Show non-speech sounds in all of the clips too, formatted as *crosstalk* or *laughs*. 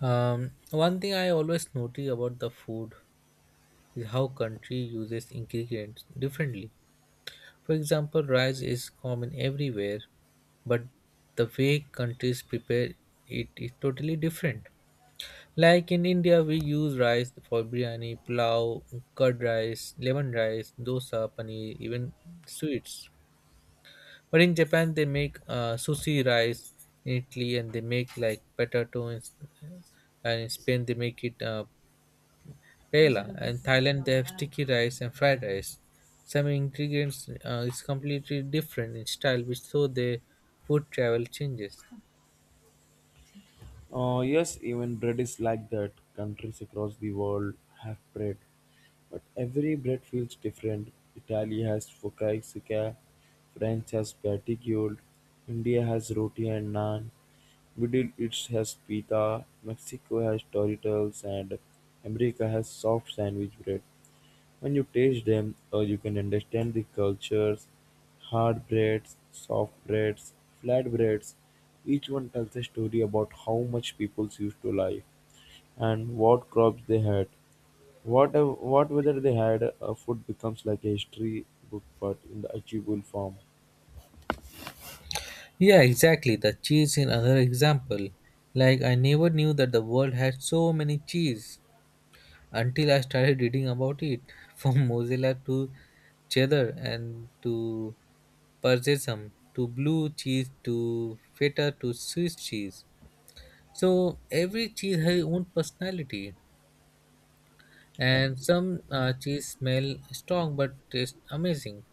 One thing I always notice about the food is how country uses ingredients differently. For example, rice is common everywhere, but the way countries prepare it is totally different. Like in India, we use rice for biryani, pulao, curd rice, lemon rice, dosa, paneer, even sweets. But in Japan, they make sushi rice in Italy, and they make like potato, and in Spain they make it. Paella. In Thailand, they have sticky rice and fried rice. Some ingredients is completely different in style, which so the food travel changes. Yes, even bread is like that. Countries across the world have bread, but every bread feels different. Italy has focaccia, France has patigiole, India has roti and naan, Middle East has pita, Mexico has Doritos, and America has soft sandwich bread. When you taste them, you can understand the cultures, hard breads, soft breads, flat breads. Each one tells a story about how much people used to life and what crops they had. What whether they had food becomes like a history book, but in the achievable form. Yeah, exactly. The cheese in another example. Like I never knew that the world had so many cheese until I started reading about it, *laughs* from mozzarella to cheddar and to parmesan to blue cheese to feta to Swiss cheese. So every cheese has its own personality, And and some cheese smell strong but taste amazing.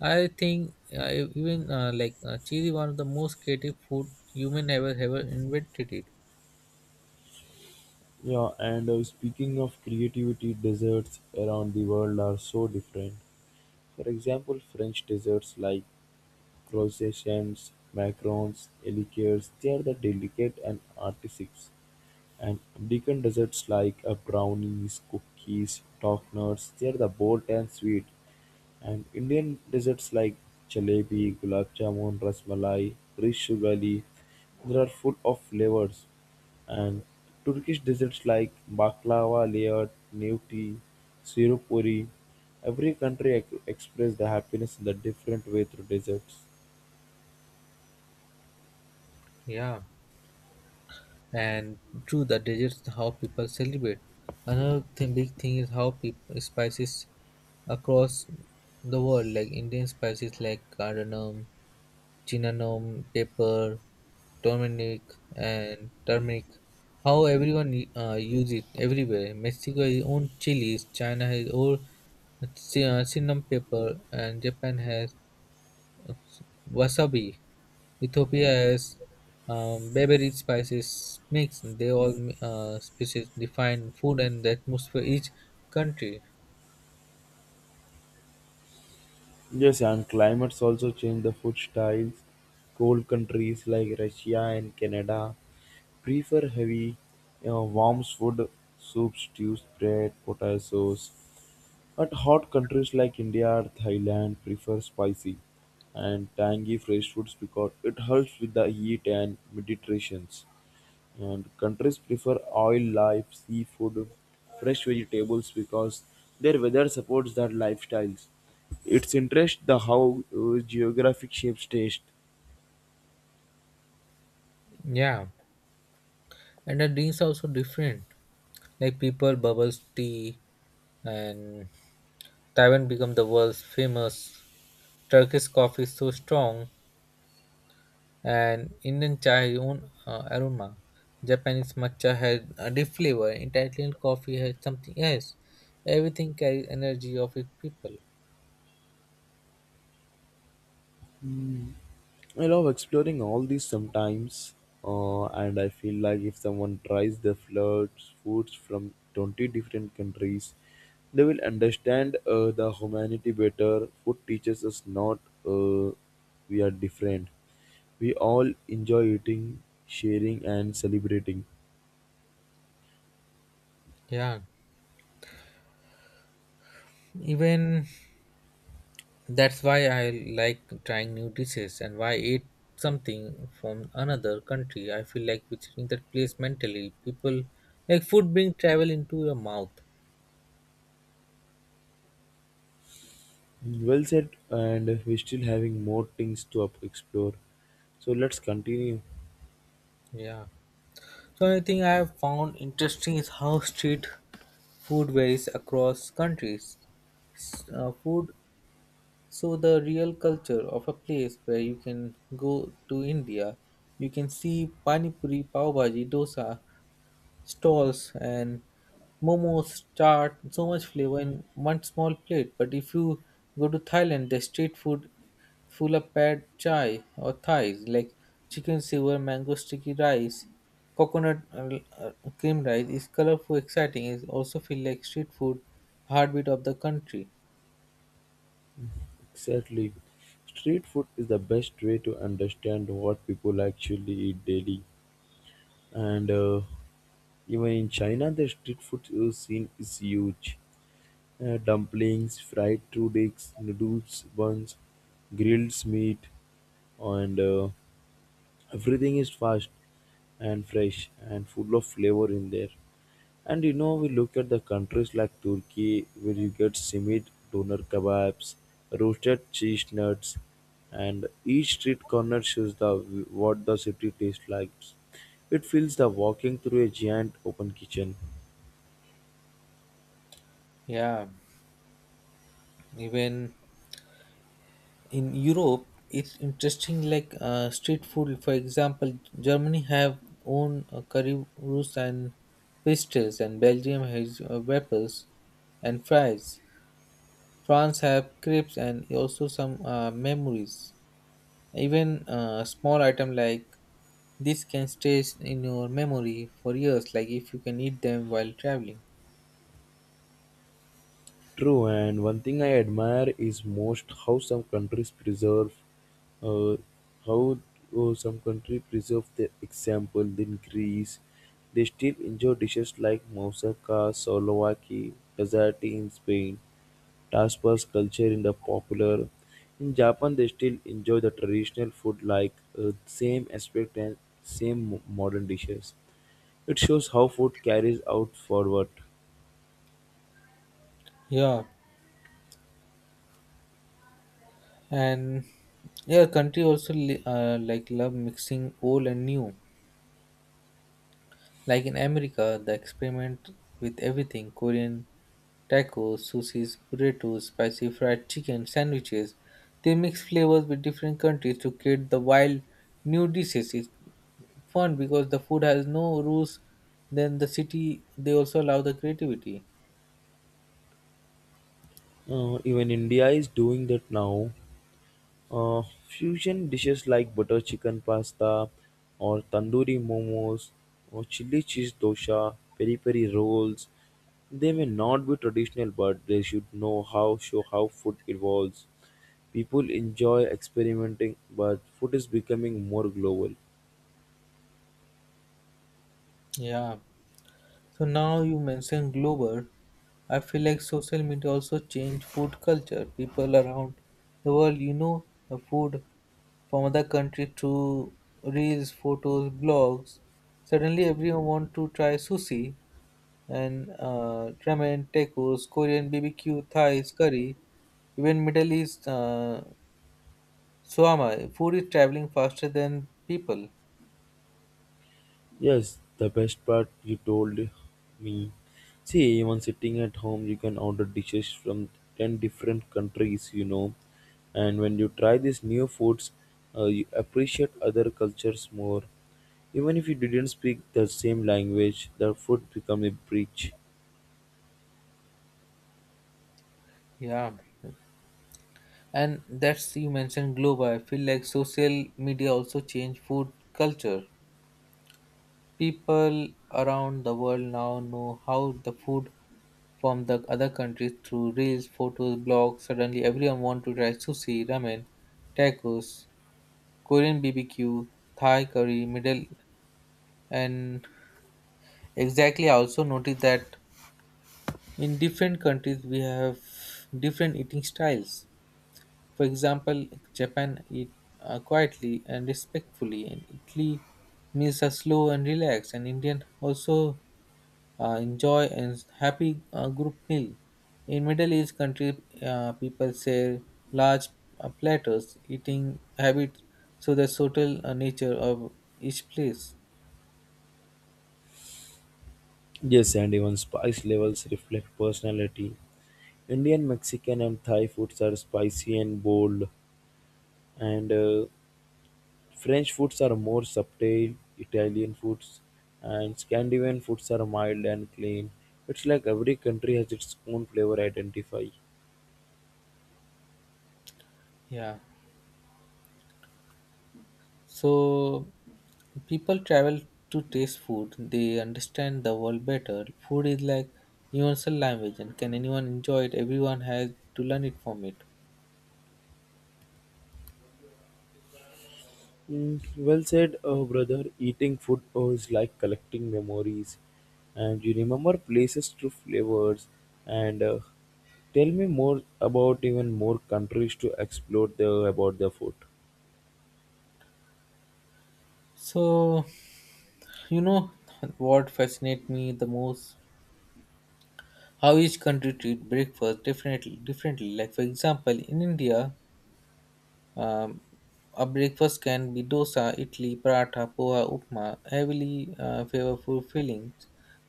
I think even like cheese is one of the most creative food human ever invented it. Yeah, and speaking of creativity, desserts around the world are so different. For example, French desserts like croissants, macarons, liqueurs, they are the delicate and artistic, and American desserts like brownies, cookies, tofners, they are the bold and sweet, and Indian desserts like jalebi, gulab jamun, rasmalai, rish sugali, they are full of flavors, and Turkish desserts like baklava, layered, newti, sirupuri. Every country express the happiness in the different way through desserts. Yeah, and true the desserts how people celebrate. Another thing, big thing is how people spices across the world like Indian spices like cardamom, cinnamon, pepper, turmeric, and turmeric. How everyone use it everywhere. Mexico has its own chilies, China has own cinnamon pepper, and Japan has wasabi. Ethiopia has beverage spices mix. They all species define food and the atmosphere each country. Yes, and climates also change the food styles. Cold countries like Russia and Canada prefer heavy, you know, warm food, soup, stews, bread, potatoes. But hot countries like India or Thailand prefer spicy and tangy fresh foods because it helps with the heat and meditations. And countries prefer oil life, seafood, fresh vegetables because their weather supports their lifestyles. It's interest the how geographic shapes taste. Yeah, and the drinks are also different. Like people bubbles tea and Taiwan became the world's famous. Turkish coffee is so strong, and Indian chai own aroma. Japanese matcha has a deep flavor. Italian coffee has something else. Everything carries energy of its people. I love exploring all these sometimes, and I feel like if someone tries the floods foods from 20 different countries, they will understand the humanity better. Food teaches us not uh, we are different. We all enjoy eating, sharing, and celebrating. Yeah, even that's why I like trying new dishes and why I eat something from another country. I feel like visiting that place mentally. People like food bring travel into your mouth. Well said, and we're still having more things to explore. So let's continue. Yeah. So another thing I have found interesting is how street food varies across countries. Food, so the real culture of a place where you can go to India, you can see pani puri, pav bhaji, dosa, stalls and momos, chaat, so much flavor in one small plate. But if you go to Thailand, the street food full of pad chai or Thais like chicken silver, mango sticky rice, coconut uh, cream rice is colorful, exciting. It also feel like street food, heartbeat of the country. Exactly. Street food is the best way to understand what people actually eat daily. And even in China, the street food scene is huge. Dumplings, fried noodles, noodles, buns, grilled meat, and everything is fast and fresh and full of flavor in there. And you know, we look at the countries like Turkey, where you get simit, doner kebabs, roasted cheese nuts, and each street corner shows the what the city tastes like. It feels the walking through a giant open kitchen. Yeah, even in Europe, it's interesting. Like street food, for example, Germany have own currywurst and pasties, and Belgium has waffles and fries. France have crepes and also some memories. Even small item like this can stay in your memory for years. Like if you can eat them while traveling. True, and one thing I admire is most how some countries preserve, uh, how some country preserve their example. In Greece, they still enjoy dishes like moussaka, souvlaki, gazati in Spain, tapas culture in the popular. In Japan, they still enjoy the traditional food like same aspect and modern dishes. It shows how food carries out forward. Yeah, and yeah, country also like love mixing old and new. Like in America, the experiment with everything Korean tacos, sushis, burritos, spicy fried chicken, sandwiches. They mix flavors with different countries to create the wild new dishes. It's fun because the food has no rules. Then the city, they also allow the creativity. Even India is doing that now. Fusion dishes like butter chicken pasta or tandoori momos or chili cheese dosha, peri peri rolls, they may not be traditional, but they should know how show how food evolves. People enjoy experimenting, but food is becoming more global. Yeah. So now you mentioned global. I feel like social media also changed food culture. People around the world, you know, the food from other country to reels, photos, blogs. Suddenly, everyone want to try sushi and ramen, tacos, Korean BBQ, Thai curry, even Middle East shawarma. Food is traveling faster than people. Yes, the best part you told me. See, even sitting at home, you can order dishes from 10 different countries, you know. And when you try these new foods, you appreciate other cultures more. Even if you didn't speak the same language, the food become a bridge. Yeah, and that's you mentioned global. I feel like social media also changed food culture. People around the world now know how the food from the other countries through reels, photos, blogs. Suddenly everyone wants to try sushi, ramen, tacos, Korean BBQ, Thai curry, middle and exactly I also noticed that in different countries we have different eating styles. For example, Japan eat quietly and respectfully and Italy meals are slow and relaxed and Indian also enjoy and happy group meal. In Middle East country, people share large platters, eating habit, so the social nature of each place. Yes, and even spice levels reflect personality. Indian, Mexican, and Thai foods are spicy and bold, and French foods are more subtle, Italian foods and Scandinavian foods are mild and clean. It's like every country has its own flavor identify. Yeah. So people travel to taste food. They understand the world better. Food is like universal language, and can anyone enjoy it? Everyone has to learn it from it. Mm, well said, brother. Eating food is like collecting memories, and you remember places through flavors. And tell me more about even more countries to explore the, about the food. So you know what fascinates me the most how each country treat breakfast definitely differently like for example in india, um, a breakfast can be dosa idli paratha poha upma heavily flavorful fillings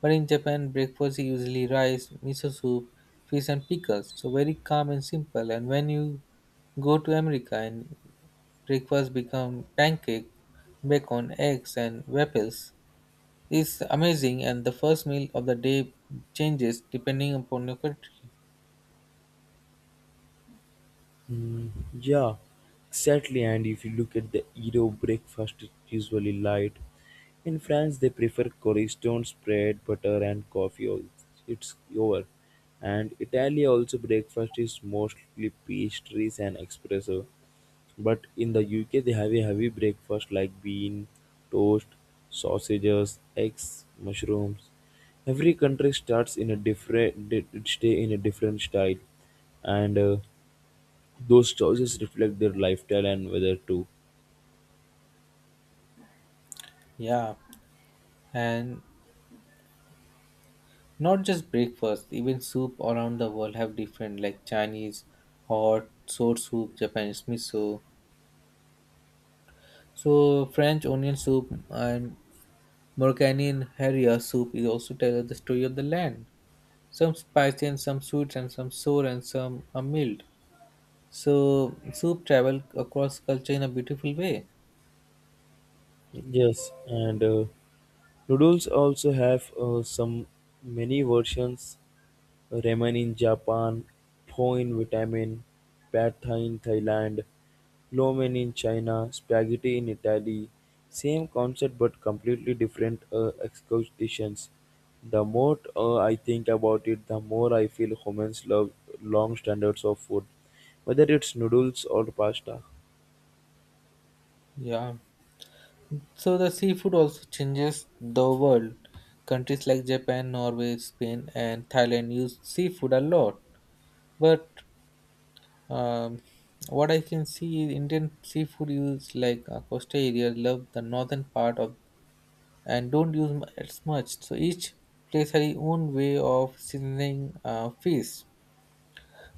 but in japan breakfast is usually rice miso soup fish and pickles so very calm and simple and when you go to america and breakfast become pancake bacon eggs and waffles. It's amazing and the first meal of the day changes depending upon your country. Mm, yeah, exactly. And if you look at the Euro breakfast, it's usually light. In France, they prefer cornerstones, bread, butter, and coffee. It's over. And Italy also breakfast is mostly pastries and espresso. But in the UK, they have a heavy breakfast like bean, toast, sausages, eggs, mushrooms. Every country starts in a stay in a different style and those choices reflect their lifestyle and weather too. Yeah, and not just breakfast, even soup around the world have different like Chinese hot sour soup, Japanese miso. So French onion soup and Moroccan harira soup is also tell the story of the land. Some spicy and some sweet and some sour and some are mild. So soup travel across culture in a beautiful way. Yes, and noodles also have some many versions. Ramen in Japan, pho in Vietnam, pad thai in Thailand, lo mein in China, spaghetti in Italy. Same concept but completely different executions. The more I think about it, the more I feel humans love long standards of food, whether it's noodles or pasta. Yeah. So the seafood also changes the world. Countries like Japan, Norway, Spain, and Thailand use seafood a lot. But um, what I can see, is Indian seafood use like coastal areas love the northern part of and don't use as much. So each place has its own way of seasoning fish.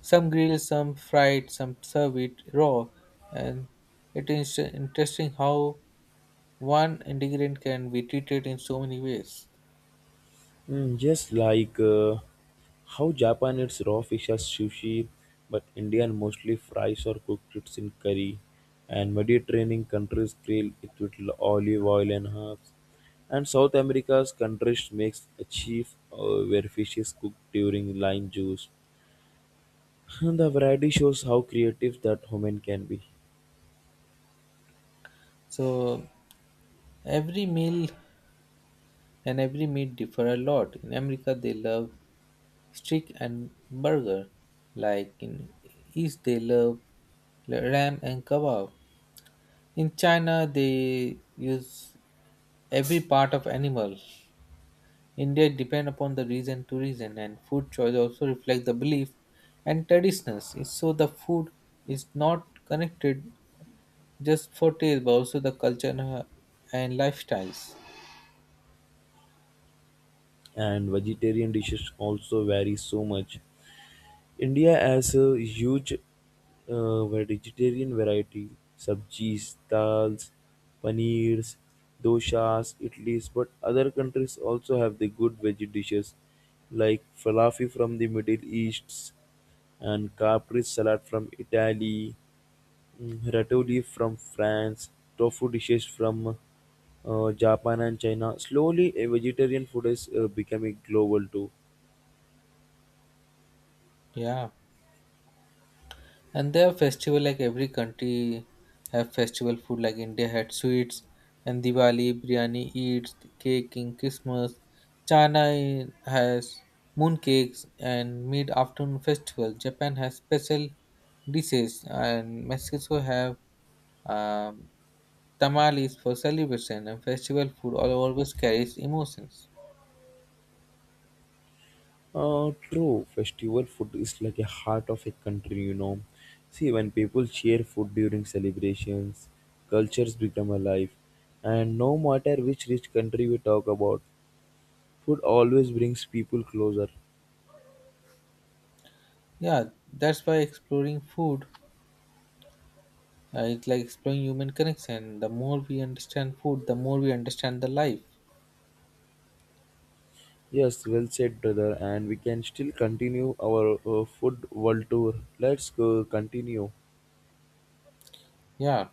Some grill, some fried, some serve it raw, and it is interesting how one ingredient can be treated in so many ways. Mm, just like how Japan eats raw fish as sushi, but Indian mostly fries or cooked it in curry, and Mediterranean countries grill it with olive oil and herbs, and South America's countries makes a chief where fish is cooked during lime juice. *laughs* And the variety shows how creative that woman can be, So every meal and every meat differ a lot. In America, they love steak and burger. Like in East, they love ram and kebab. In China, they use every part of animal. India depend upon the region to region, and food choice also reflect the belief and traditions. So the food is not connected just for taste, but also the culture and lifestyles. and vegetarian dishes also vary so much. India has a huge vegetarian variety: sabjis, dals, paneers, doshas, idlis. But other countries also have the good veggie dishes like falafel from the Middle East and capri salad from Italy, mm, ratatouille from France, tofu dishes from Japan and China. Slowly, a vegetarian food is becoming global too. Yeah, and they have festival like every country have festival food like india had sweets and diwali biryani eats cake in christmas china has moon cakes and mid afternoon festival japan has special dishes and mexico have um, tamales for celebration and festival food all always carries emotions. True. Festival food is like a heart of a country, you know. See, when people share food during celebrations, cultures become alive. And no matter which rich country we talk about, food always brings people closer. Yeah, that's why exploring food it's like exploring human connection. The more we understand food, the more we understand the life. Yes, well said, brother. And we can still continue our food world tour. Let's go continue. Yeah.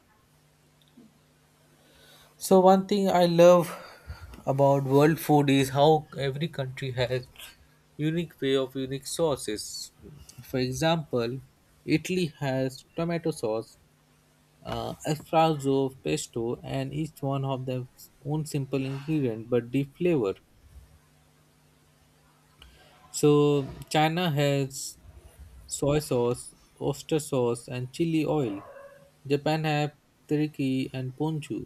So one thing I love about world food is how every country has unique way of unique sauces. For example, Italy has tomato sauce, alfredo, pesto, and each one of their own simple ingredient but deep flavor. So China has soy sauce, oyster sauce, and chili oil. Japan have teriyaki and ponchu,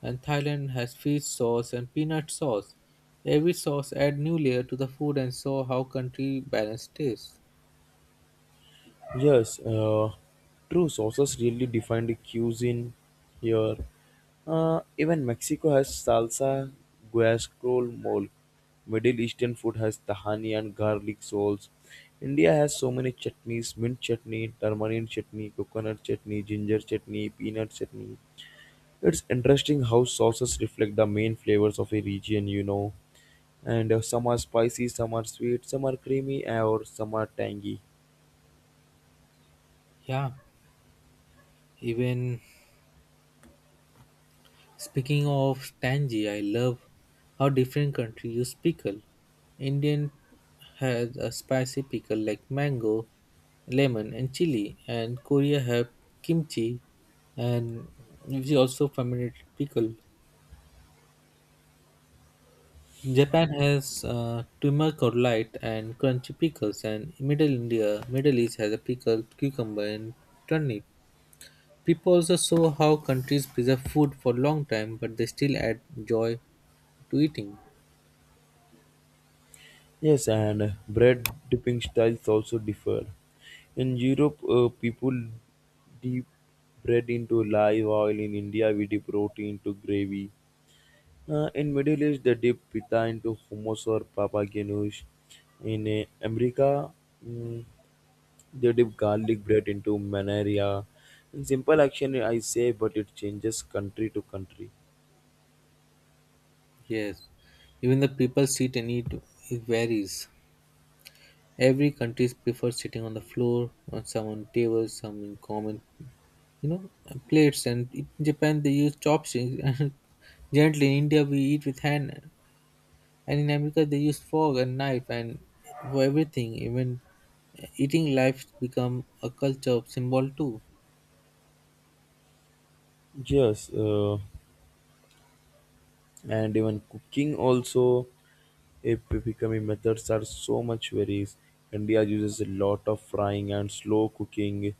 and Thailand has fish sauce and peanut sauce. Every sauce add new layer to the food and show how country balance taste. Yes, true. Sauces really define the cuisine here. Even Mexico has salsa, guascrol, mole. Middle Eastern food has tahani and garlic sauce. India has so many chutneys: mint chutney, turmeric chutney, coconut chutney, ginger chutney, peanut chutney. It's interesting how sauces reflect the main flavors of a region, you know. And some are spicy, some are sweet, some are creamy, or some are tangy. Yeah, even speaking of tangy, I love how different country use pickle. Indian has a spicy pickle like mango, lemon, and chili, and Korea have kimchi, and usually also fermented pickle. Japan has turmeric or light and crunchy pickles, and Middle India, Middle East has a pickle, cucumber, and turnip. People also saw how countries preserve food for long time, but they still add joy to eating. Yes, and bread dipping styles also differ. In Europe, people dip bread into live oil. In India, we dip roti into gravy. In Middle East, they dip pita into hummus or papa ganoush. In America, mm, they dip garlic bread into manaria. In simple action, I say, but it changes country to country. Yes, even the people seat and eat it varies. Every country prefers sitting on the floor, on some on tables, some in common, you know, plates. And in Japan they use chopsticks *laughs* and gently. In India we eat with hand, and in America they use fork and knife and for everything. Even eating life become a culture of symbol too. Yes, and even cooking also. Epiphany methods are so much varies. India uses a lot of frying and slow cooking.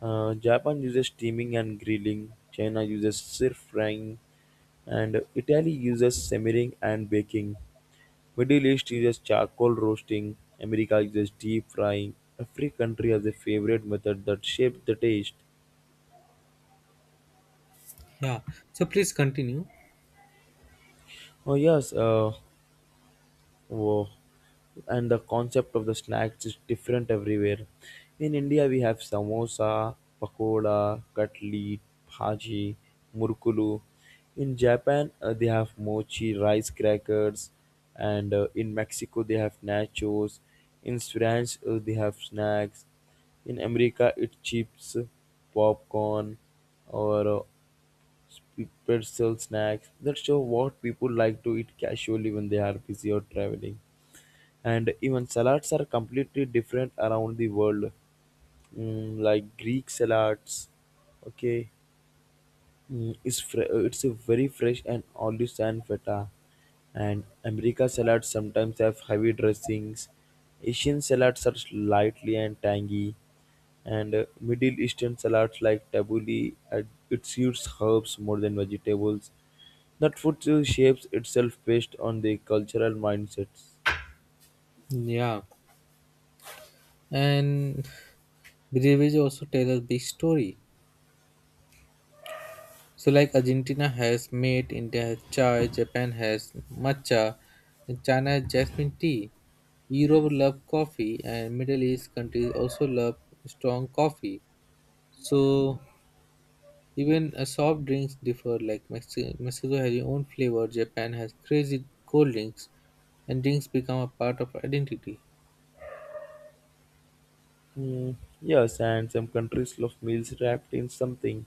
Japan uses steaming and grilling. China uses stir frying, and Italy uses simmering and baking. Middle East uses charcoal roasting. America uses deep frying. Every country has a favorite method that shapes the taste. Yeah. So please continue. Oh yes, wow. And the concept of the snacks is different everywhere. In India, we have samosa, pakoda, katli, bhaji, murkulu. In Japan, they have mochi, rice crackers, and in Mexico, they have nachos. In France, they have snacks. In America, it's chips, popcorn, or pretzel snacks. That show what people like to eat casually when they are busy or traveling. And even salads are completely different around the world. Mm, like Greek salads, okay. Mm, it's a very fresh and olives and feta, and America salads sometimes have heavy dressings, Asian salads are lightly and tangy, and Middle Eastern salads like tabbouleh it uses herbs more than vegetables. That food shapes itself based on the cultural mindsets. Yeah, and behavior also tells a big story. So, like Argentina has mate, India has chai, Japan has matcha, and China has jasmine tea. Europe love coffee, and Middle East countries also love strong coffee. So, even soft drinks differ. Like Mexico has its own flavor, Japan has crazy cold drinks, and drinks become a part of identity. Mm, yes, and some countries love meals wrapped in something.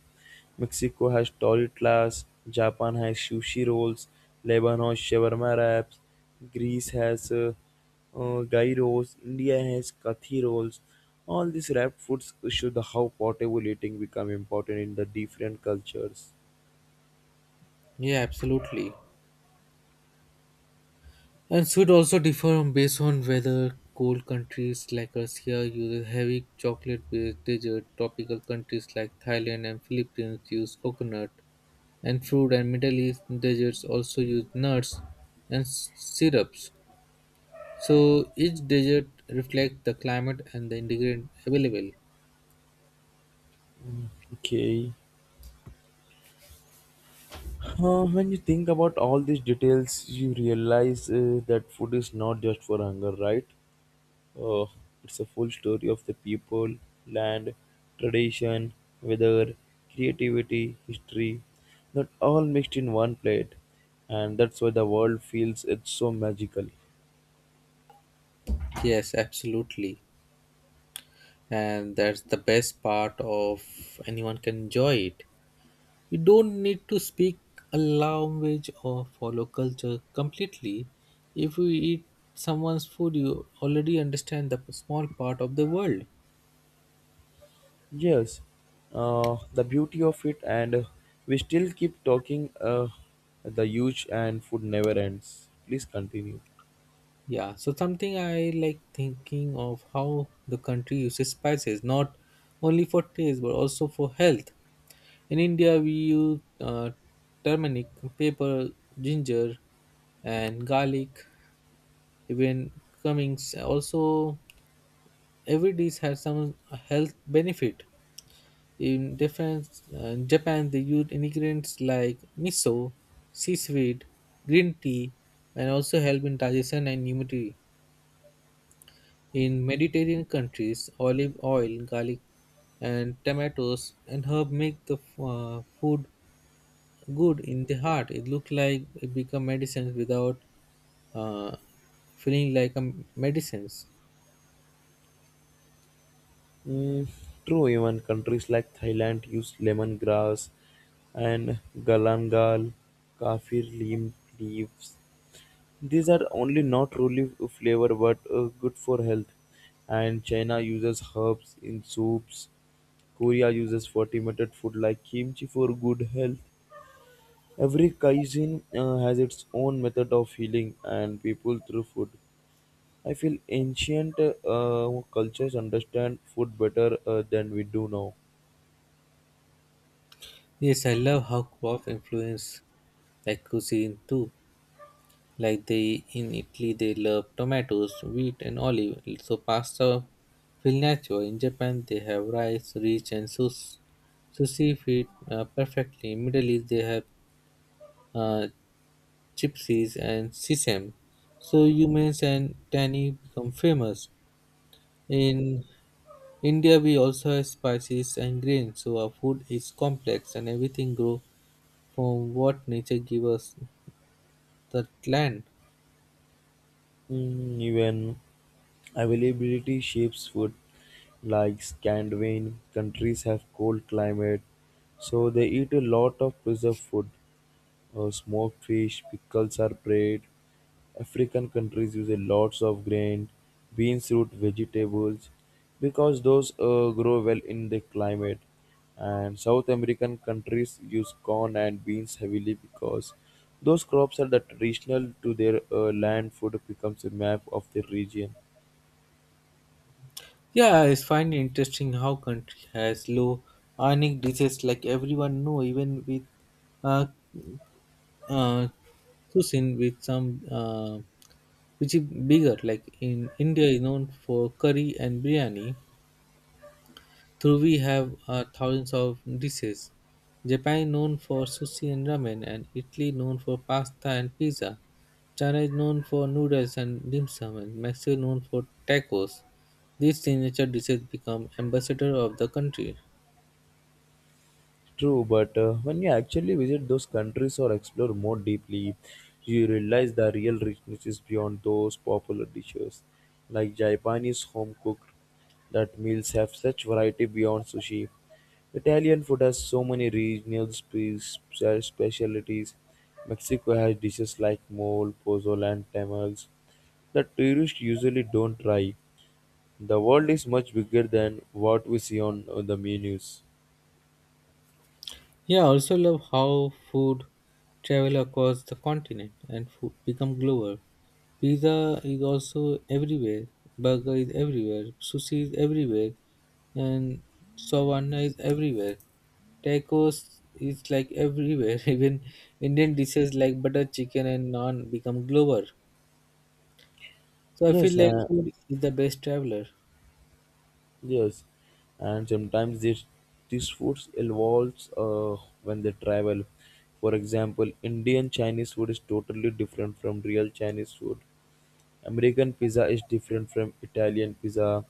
Mexico has tortillas, Japan has sushi rolls, Lebanon shawarma wraps, Greece has gyros, India has kathi rolls. All these wrapped foods show the how portable eating become important in the different cultures. Yeah, absolutely. And sweet also differ on- based on whether cold countries like Russia use heavy chocolate-based dessert, tropical countries like Thailand and Philippines use coconut and fruit, and Middle East deserts also use nuts and syrups. So each desert reflects the climate and the ingredient available. Okay. When you think about all these details, you realize that food is not just for hunger, right? Oh, it's a full story of the people, land, tradition, weather, creativity, history, not all mixed in one plate, and that's why the world feels it's so magical. Yes, absolutely, and that's the best part of anyone can enjoy it. You don't need to speak a language or follow culture completely. If you eat someone's food, you already understand the small part of the world. Yes, the beauty of it, and we still keep talking. The huge and food never ends. Please continue. Yeah, so something I like thinking of how the country uses spices, not only for taste but also for health. In India, we use turmeric, pepper, ginger, and garlic. Even Cummings also, every dish has some health benefit. In defense, Japan, they use ingredients like miso, seaweed, green tea, and also help in digestion and immunity. In Mediterranean countries, olive oil, garlic, and tomatoes and herb make the food good in the heart. It look like it become medicines without uh, feeling like a medicines. Mm, true, even countries like Thailand use lemongrass and galangal, kaffir leaf leaves. These are only not truly flavor but good for health. And China uses herbs in soups. Korea uses fermented food like kimchi for good health. Every cuisine has its own method of healing and people through food. I feel ancient cultures understand food better than we do now. Yes, I love how crops influence like cuisine too. Like they in Italy, they love tomatoes, wheat, and olive. So pasta feel natural. In Japan, they have rice, rich, and sushi fit perfectly. In Middle East, they have uh, gypsies and sesame. So humans and tanny become famous. In India, we also have spices and grains. So our food is complex, and everything grow from what nature gives us the land. Mm, even availability shapes food. Like Scandinavian countries have cold climate, so they eat a lot of preserved food smoked fish, pickles are bread. African countries use a lots of grain, beans, root vegetables, because those grow well in the climate. And South American countries use corn and beans heavily because those crops are the traditional to their land. Food becomes a map of the region. Yeah, I find it interesting how country has low earning disease like everyone know even with uh, uh cuisine with some which is bigger like in India is known for curry and biryani through we have thousands of dishes. Japan known for sushi and ramen and Italy known for pasta and pizza, China is known for noodles and dim sum, and Mexico known for tacos. These signature dishes become ambassador of the country. True, but when you actually visit those countries or explore more deeply, you realize the real richness is beyond those popular dishes. Like Japanese home cooked, that meals have such variety beyond sushi. Italian food has so many regional specialties. Mexico has dishes like mole, pozole, and tamales that tourists usually don't try. The world is much bigger than what we see on the menus. Yeah, I also love how food travel across the continent and food become global. Pizza is also everywhere, burger is everywhere, sushi is everywhere, and savannah is everywhere. Tacos is like everywhere. *laughs* Even Indian dishes like butter chicken and naan become global. So I feel Yes, like food is the best traveler. Yes, and sometimes this these foods evolves when they travel. For example, Indian Chinese food is totally different from real Chinese food. American pizza is different from Italian pizza,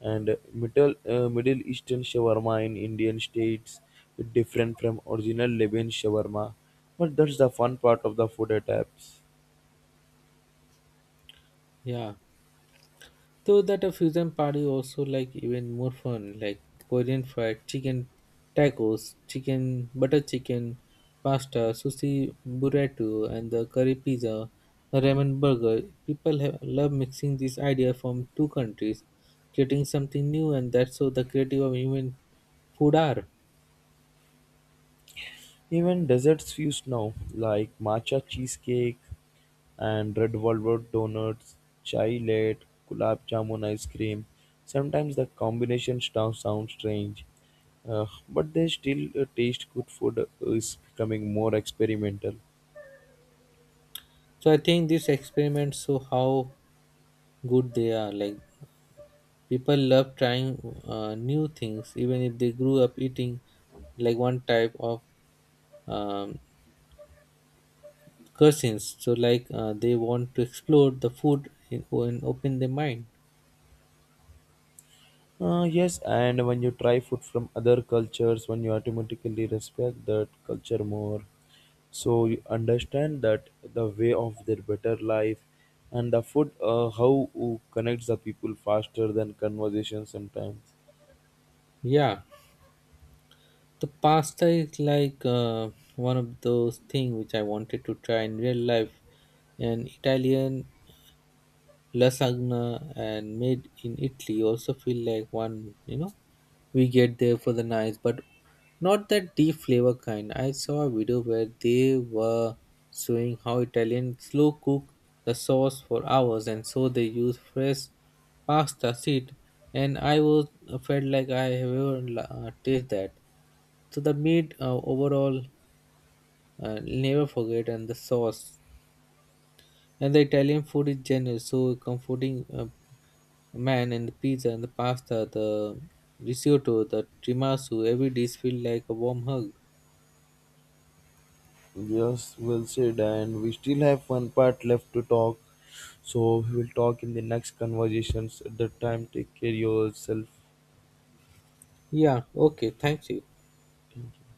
and Middle Eastern shawarma in Indian states is different from original Lebanese shawarma. But that's the fun part of the food attacks. Yeah. So that a fusion party also like even more fun, like Korean fried chicken tacos, chicken butter chicken, pasta, sushi burrito, and the curry pizza, the ramen burger. People have, love mixing these ideas from two countries, creating something new, and that's how the creative of human food are. Even desserts fuse now, like matcha cheesecake and red velvet donuts, chai latte, gulab jamun ice cream. Sometimes the combination stuff sounds strange, but they still taste good. Food is becoming more experimental. So I think these experiments show how good they are. Like people love trying new things, even if they grew up eating like one type of um, cuisines. So, like they want to explore the food in, and open their mind. Yes, and when you try food from other cultures, when you automatically respect that culture more, so you understand that the way of their better life and the food, how connects the people faster than conversation sometimes. Yeah, the pasta is like one of those things which I wanted to try in real life. And Italian lasagna and made in Italy also feel like one, you know, we get there for the nice, but not that deep flavor kind. I saw a video where they were showing how Italians slow cook the sauce for hours and so they use fresh pasta seed and I was felt like I have ever taste that. So the meat overall never forget and the sauce and the Italian food is generous, so comforting man and the pizza and the pasta, the risotto, the tiramisu, every dish feel like a warm hug. Yes, well said. And we still have one part left to talk. So we will talk in the next conversations. At that time, take care yourself. Yeah, okay, thank you. Thank you.